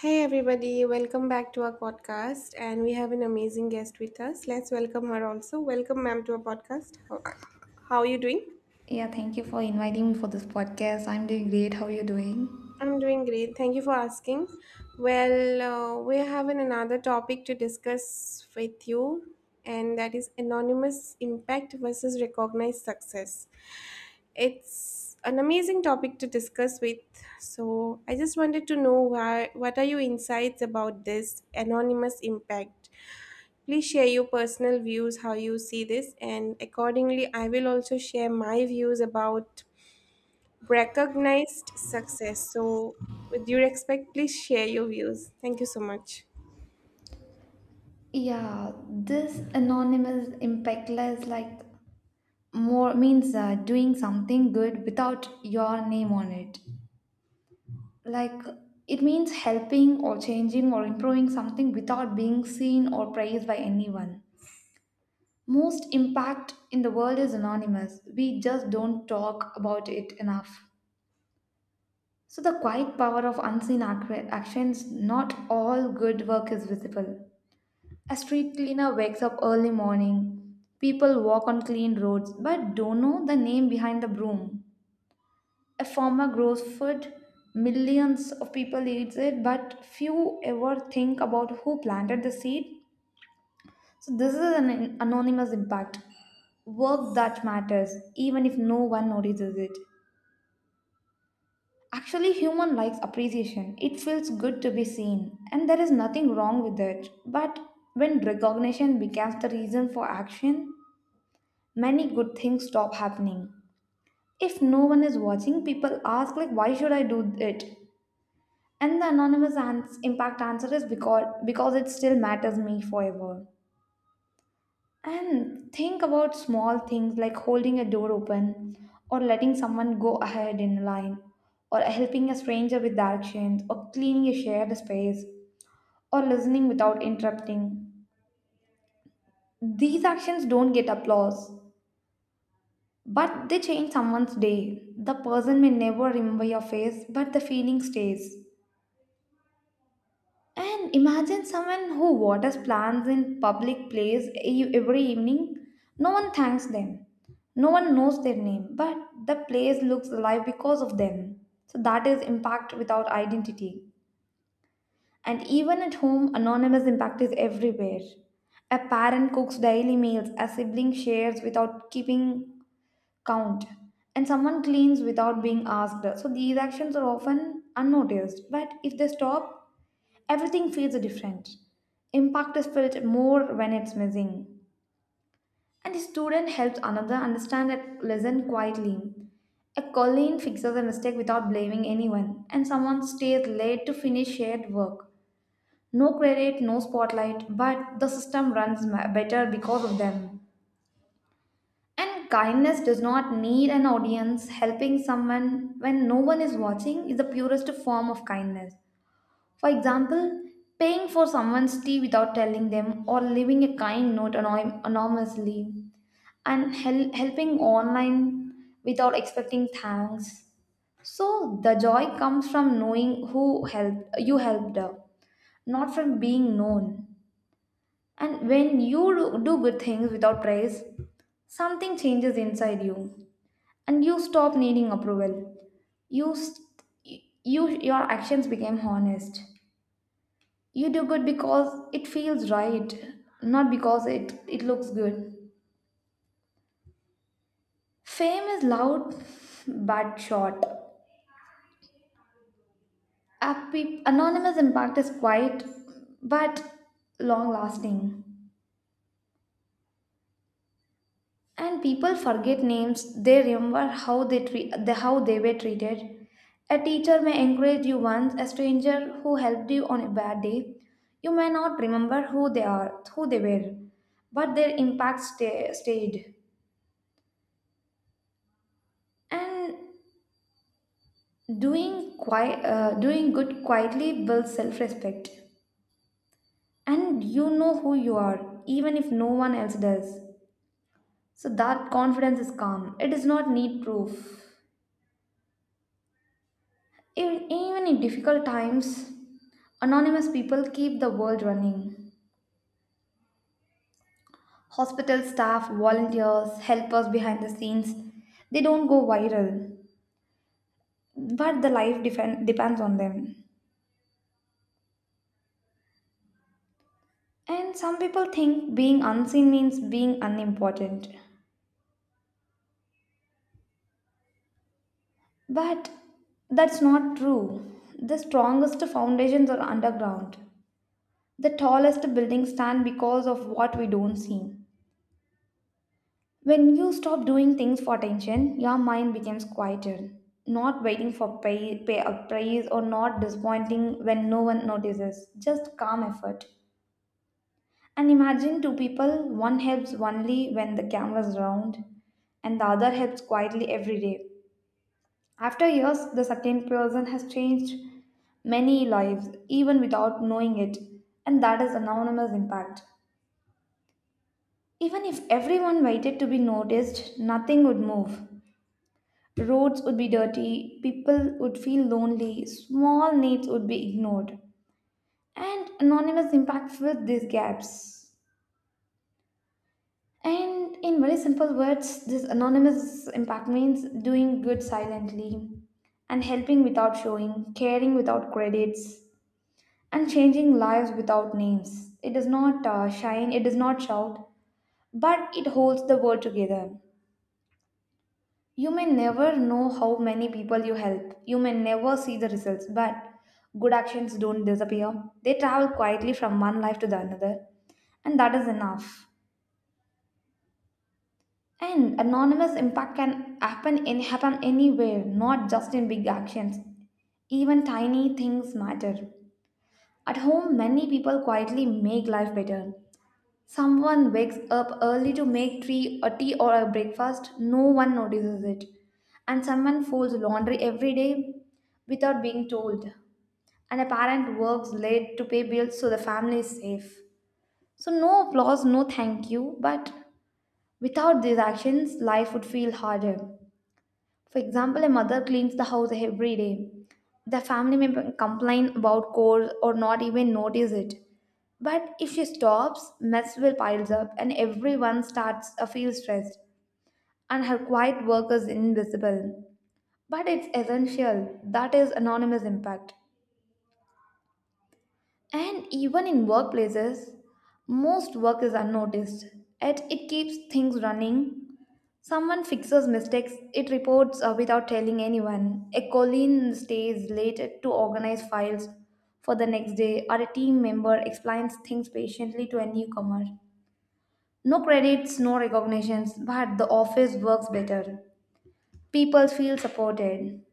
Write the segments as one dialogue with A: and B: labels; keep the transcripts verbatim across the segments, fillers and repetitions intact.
A: Hey everybody, welcome back to our podcast and we have an amazing guest with us. Let's welcome her also. Welcome ma'am to our podcast. How, how are you doing?
B: Yeah, thank you for inviting me for this podcast. I'm doing great. How are you doing?
A: I'm doing great. Thank you for asking. Well, uh, we have an, another topic to discuss with you and that is anonymous impact versus recognized success. It's an amazing topic to discuss with. So, I just wanted to know why what are your insights about this anonymous impact? Please share your personal views, how you see this, and accordingly, I will also share my views about recognized success. So, with due respect, please share your views. Thank you so much.
B: Yeah, this anonymous, impactless, like more means uh, doing something good without your name on it. Like it means helping or changing or improving something without being seen or praised by anyone. Most impact in the world is anonymous. We just don't talk about it enough. So, the quiet power of unseen ac- actions, not all good work is visible. A street cleaner wakes up early morning. People walk on clean roads but don't know the name behind the broom. A farmer grows food. Millions of people eat it, but few ever think about who planted the seed. So, this is an anonymous impact. Work that matters, even if no one notices it. Actually, human likes appreciation. It feels good to be seen, and there is nothing wrong with it. But when recognition becomes the reason for action, many good things stop happening. If no one is watching, people ask like why should I do it? And the anonymous ans- impact answer is because because it still matters me forever. And think about small things like holding a door open, or letting someone go ahead in line, or helping a stranger with directions, or cleaning a shared space, or listening without interrupting. These actions don't get applause, but they change someone's day. The person may never remember your face, but the feeling stays. And imagine someone who waters plants in public place e- every evening. No one thanks them. No one knows their name, but the place looks alive because of them. So that is impact without identity. And even at home, anonymous impact is everywhere. A parent cooks daily meals, a sibling shares without keeping count, and someone cleans without being asked. So these actions are often unnoticed, but if they stop, everything feels different. Impact is felt more when it's missing. And a student helps another understand a lesson quietly, a colleague fixes a mistake without blaming anyone, and someone stays late to finish shared work. No credit, no spotlight, but the system runs ma- better because of them. And kindness does not need an audience. Helping someone when no one is watching is the purest form of kindness. For example, paying for someone's tea without telling them, or leaving a kind note anony- anonymously, and hel- helping online without expecting thanks. So the joy comes from knowing who helped you helped, not from being known. And when you do do good things without praise, something changes inside you, and you stop needing approval. You st- you your actions became honest. You do good because it feels right, not because it it looks good. Fame is loud but short. Appe- anonymous impact is quiet but long lasting. And people forget names, they remember how they treat the, how they were treated. A teacher may encourage you once, a stranger who helped you on a bad day, you may not remember who they are who they were, but their impact stay, stayed. And doing quiet uh, doing good quietly builds self-respect, and you know who you are even if no one else does. So that confidence is calm, it does not need proof. E- Even in difficult times, anonymous people keep the world running. Hospital staff, volunteers, helpers behind the scenes, they don't go viral, but the life defen- depends on them. And some people think being unseen means being unimportant. But that's not true. The strongest foundations are underground. The tallest buildings stand because of what we don't see. When you stop doing things for attention, your mind becomes quieter, not waiting for pay, pay a praise, or not disappointing when no one notices, just calm effort. And imagine two people, one helps only when the camera's round, and the other helps quietly every day. After years, the second person has changed many lives, even without knowing it, and that is anonymous impact. Even if everyone waited to be noticed, nothing would move. Roads would be dirty, people would feel lonely, small needs would be ignored, and anonymous impact filled these gaps. And in very simple words, this anonymous impact means doing good silently, and helping without showing, caring without credits, and changing lives without names. It does not uh, shine, it does not shout, but it holds the world together. You may never know how many people you help. You may never see the results, but good actions don't disappear. They travel quietly from one life to the another, and that is enough. And anonymous impact can happen in happen anywhere, not just in big actions. Even tiny things matter. At home, many people quietly make life better. Someone wakes up early to make tea, a tea or a breakfast, no one notices it. And someone folds laundry every day without being told. And a parent works late to pay bills so the family is safe. So, no applause, no thank you, but without these actions, life would feel harder. For example, a mother cleans the house every day. The family may complain about chores or not even notice it. But if she stops, mess will piles up and everyone starts to feel stressed. And her quiet work is invisible. But it's essential. That is anonymous impact. And even in workplaces, most work is unnoticed, yet it keeps things running. Someone fixes mistakes, it reports uh, without telling anyone. A colleague stays late to organize files for the next day, or a team member explains things patiently to a newcomer. No credits, no recognitions, but the office works better. People feel supported.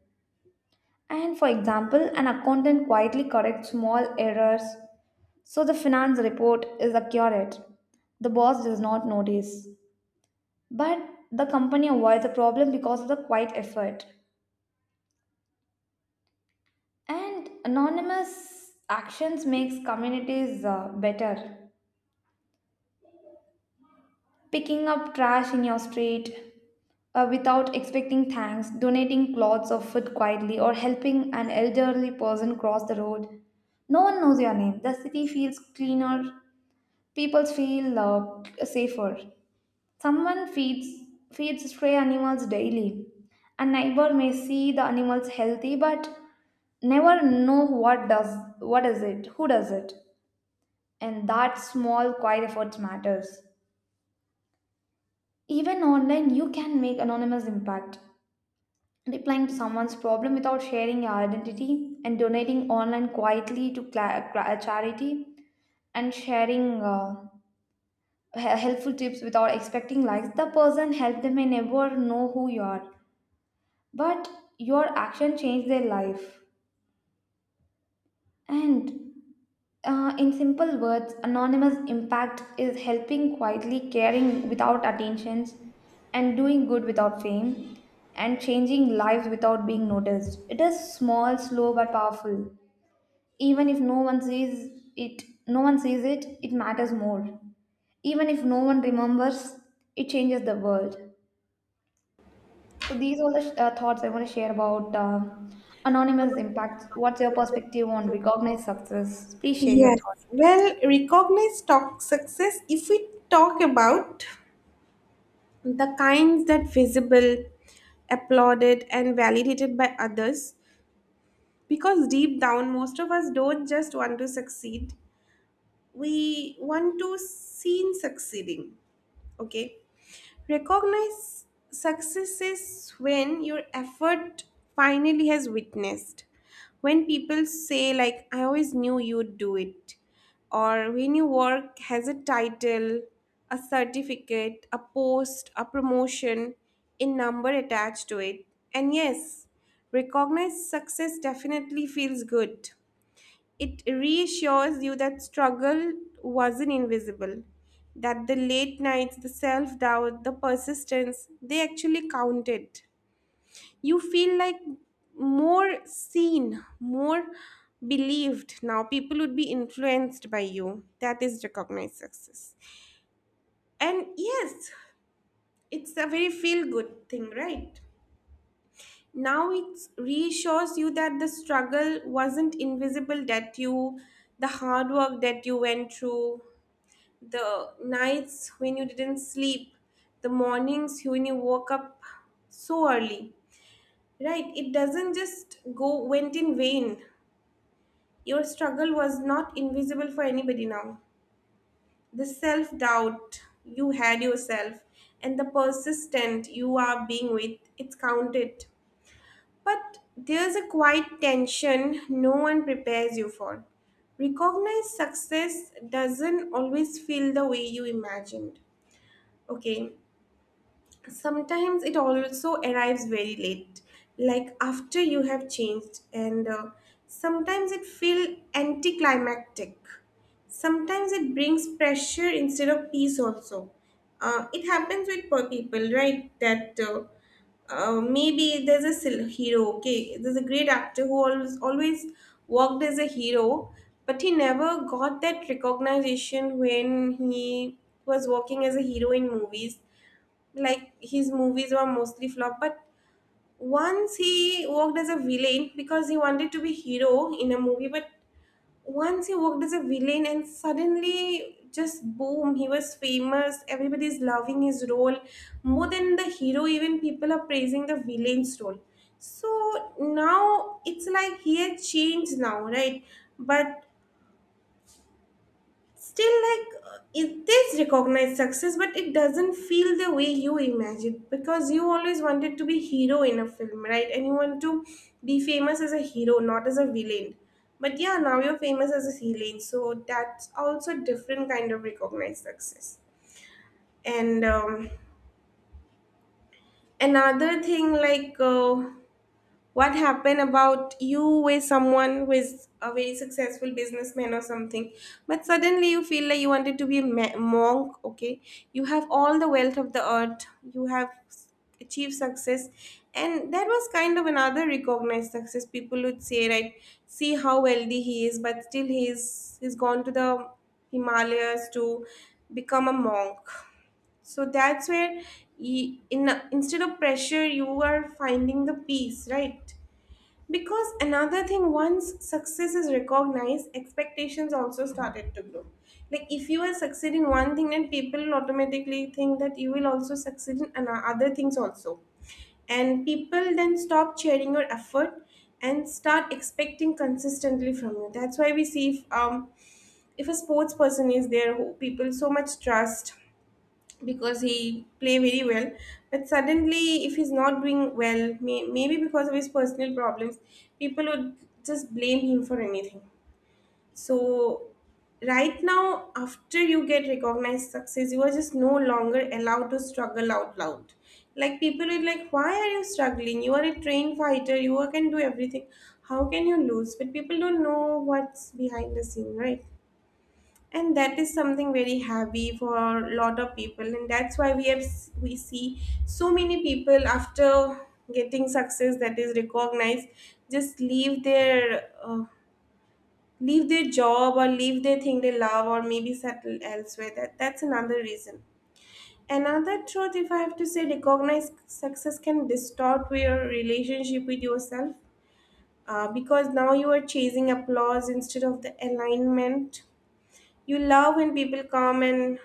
B: And for example, an accountant quietly corrects small errors, so the finance report is accurate. The boss does not notice. But the company avoids the problem because of the quiet effort. And anonymous actions makes communities uh, better. Picking up trash in your street uh, without expecting thanks, donating cloths or food quietly, or helping an elderly person cross the road. No one knows your name. The city feels cleaner. People feel uh, safer. Someone feeds feeds stray animals daily. A neighbor may see the animals healthy, but never know what does what is it, who does it. And that small quiet effort matters. Even online you can make anonymous impact, replying to someone's problem without sharing your identity, and donating online quietly to cla- cla- charity, and sharing uh, he- helpful tips without expecting likes. The person helped them may never know who you are, but your action changed their life. And Uh, in simple words, anonymous impact is helping quietly, caring without attentions, and doing good without fame, and changing lives without being noticed. It is small, slow, but powerful. Even if no one sees it, no one sees it, it matters more. Even if no one remembers, it changes the world. So these are the uh, thoughts I want to share about uh, anonymous impact. What's your perspective on recognized success? Please share your
A: Yes.
B: thoughts.
A: Well, recognized talk success, if we talk about the kinds that visible, applauded, and validated by others, because deep down, most of us don't just want to succeed. We want to seen succeeding. Okay. Recognize successes when your effort finally has witnessed. When people say, like, I always knew you'd do it, or when your work has a title, a certificate, a post, a promotion, a number attached to it. And yes, recognize success definitely feels good. It reassures you that struggle wasn't invisible, that the late nights, the self doubt, the persistence, they actually counted. You feel like more seen, more believed. Now, people would be influenced by you. That is recognized success. And yes, it's a very feel good thing, right? Now it reassures you that the struggle wasn't invisible, that you, the hard work that you went through, the nights when you didn't sleep, the mornings when you woke up so early. Right? It doesn't just go went in vain. Your struggle was not invisible for anybody now. The self doubt you had yourself and the persistent you are being with, it's counted. But there's a quiet tension no one prepares you for. Recognize success doesn't always feel the way you imagined. Okay, sometimes it also arrives very late, like after you have changed, and uh, sometimes it feels anticlimactic. Sometimes it brings pressure instead of peace, also. Uh, it happens with poor people, right? That uh, uh, maybe there's a sil- hero, okay? There's a great actor who always, always worked as a hero, but he never got that recognition when he was working as a hero in movies, like his movies were mostly flop. But once he worked as a villain, because he wanted to be hero in a movie, but once he worked as a villain, and suddenly just boom, he was famous, everybody's loving his role more than the hero. Even people are praising the villain's role. So now it's like he had changed now, right? But still, like, uh, it is recognized success, but it doesn't feel the way you imagine, because you always wanted to be hero in a film, right? And you want to be famous as a hero, not as a villain. But yeah, now you're famous as a villain, so that's also a different kind of recognized success. And um, another thing, like, uh, what happened about you with someone who is a very successful businessman or something, but suddenly you feel like you wanted to be a ma- monk, okay? You have all the wealth of the earth, you have s- achieved success, and that was kind of another recognized success, people would say, right? See how wealthy he is, but still he's he's gone to the Himalayas to become a monk. So that's where y in instead of pressure you are finding the peace, right? Because another thing, once success is recognized, expectations also started to grow. Like if you will succeed in one thing, then people will automatically think that you will also succeed in ano- other things also. And people then stop sharing your effort and start expecting consistently from you. That's why we see, if um if a sports person is there who people so much trust because he play very well, but suddenly if he's not doing well, may, maybe because of his personal problems, people would just blame him for anything. So right now, after you get recognized success, you are just no longer allowed to struggle out loud. Like people would, like, why are you struggling? You are- a trained fighter you are- can do everything. How can you lose? But people don't know what's behind the scene, right? And that is something very heavy for a lot of people, and that's why we have we see so many people after getting success that is recognized just leave their uh, leave their job or leave their thing they love, or maybe settle elsewhere. That that's another reason. Another truth, if I have to say, recognized success can distort your relationship with yourself, uh, because now you are chasing applause instead of the alignment. You love when people come and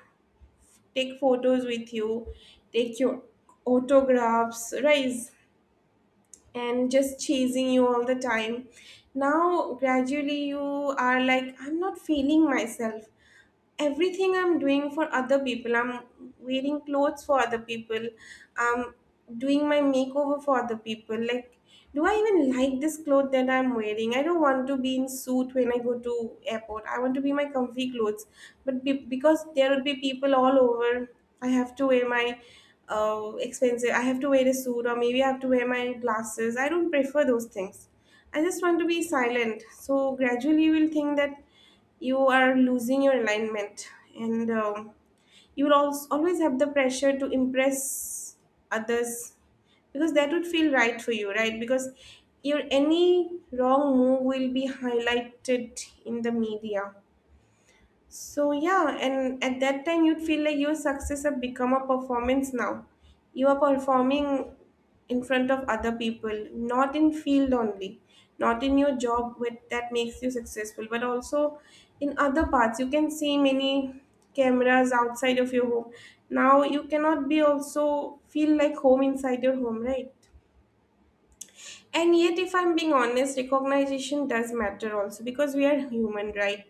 A: take photos with you, take your autographs, right? And just chasing you all the time. Now, gradually, you are like, I'm not feeling myself, everything I'm doing for other people. I'm wearing clothes for other people. I'm doing my makeover for other people. Like, do I even like this cloth that I'm wearing? I don't want to be in suit when I go to airport. I want to be my comfy clothes. But be- because there will be people all over, I have to wear my uh, expensive. I have to wear a suit, or maybe I have to wear my glasses. I don't prefer those things. I just want to be silent. So gradually, you will think that you are losing your alignment, and um, you will also always have the pressure to impress others, because that would feel right for you, right? Because your any wrong move will be highlighted in the media. So yeah, and at that time you'd feel like your success have become a performance now. You are performing in front of other people, not in field only, not in your job with that makes you successful, but also in other parts. You can see many cameras outside of your home. Now you cannot be also feel like home inside your home, right? And yet, if I'm being honest, recognition does matter also, because we are human, right?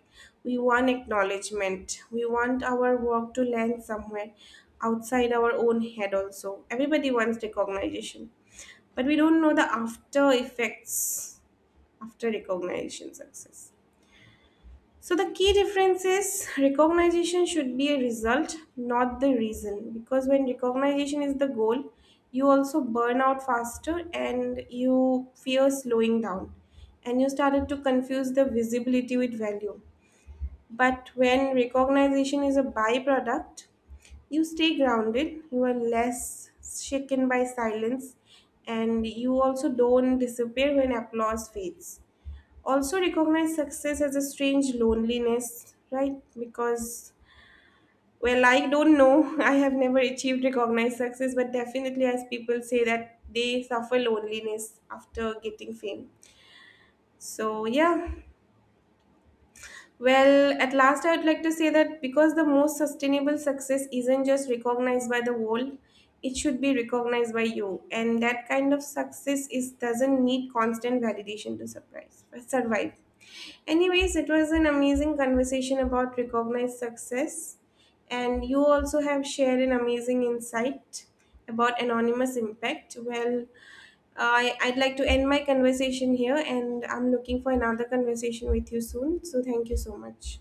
A: We want acknowledgement. We want our work to land somewhere outside our own head, also. Everybody wants recognition. But we don't know the after effects after recognition success. So the key difference is recognition should be a result, not the reason. Because when recognition is the goal, you also burn out faster and you fear slowing down. And you started to confuse the visibility with value. But when recognition is a byproduct, you stay grounded, you are less shaken by silence, and you also don't disappear when applause fades. Also, recognize success as a strange loneliness, right? Because, well, I don't know, I have never achieved recognized success, but definitely as people say, that they suffer loneliness after getting fame. So yeah. Well, at last, I would like to say that, because the most sustainable success isn't just recognized by the world, it should be recognized by you. And that kind of success is doesn't need constant validation to surprise survive. Anyways, it was an amazing conversation about recognized success. And you also have shared an amazing insight about anonymous impact. Well, I, I'd like to end my conversation here, and I'm looking for another conversation with you soon. So, thank you so much.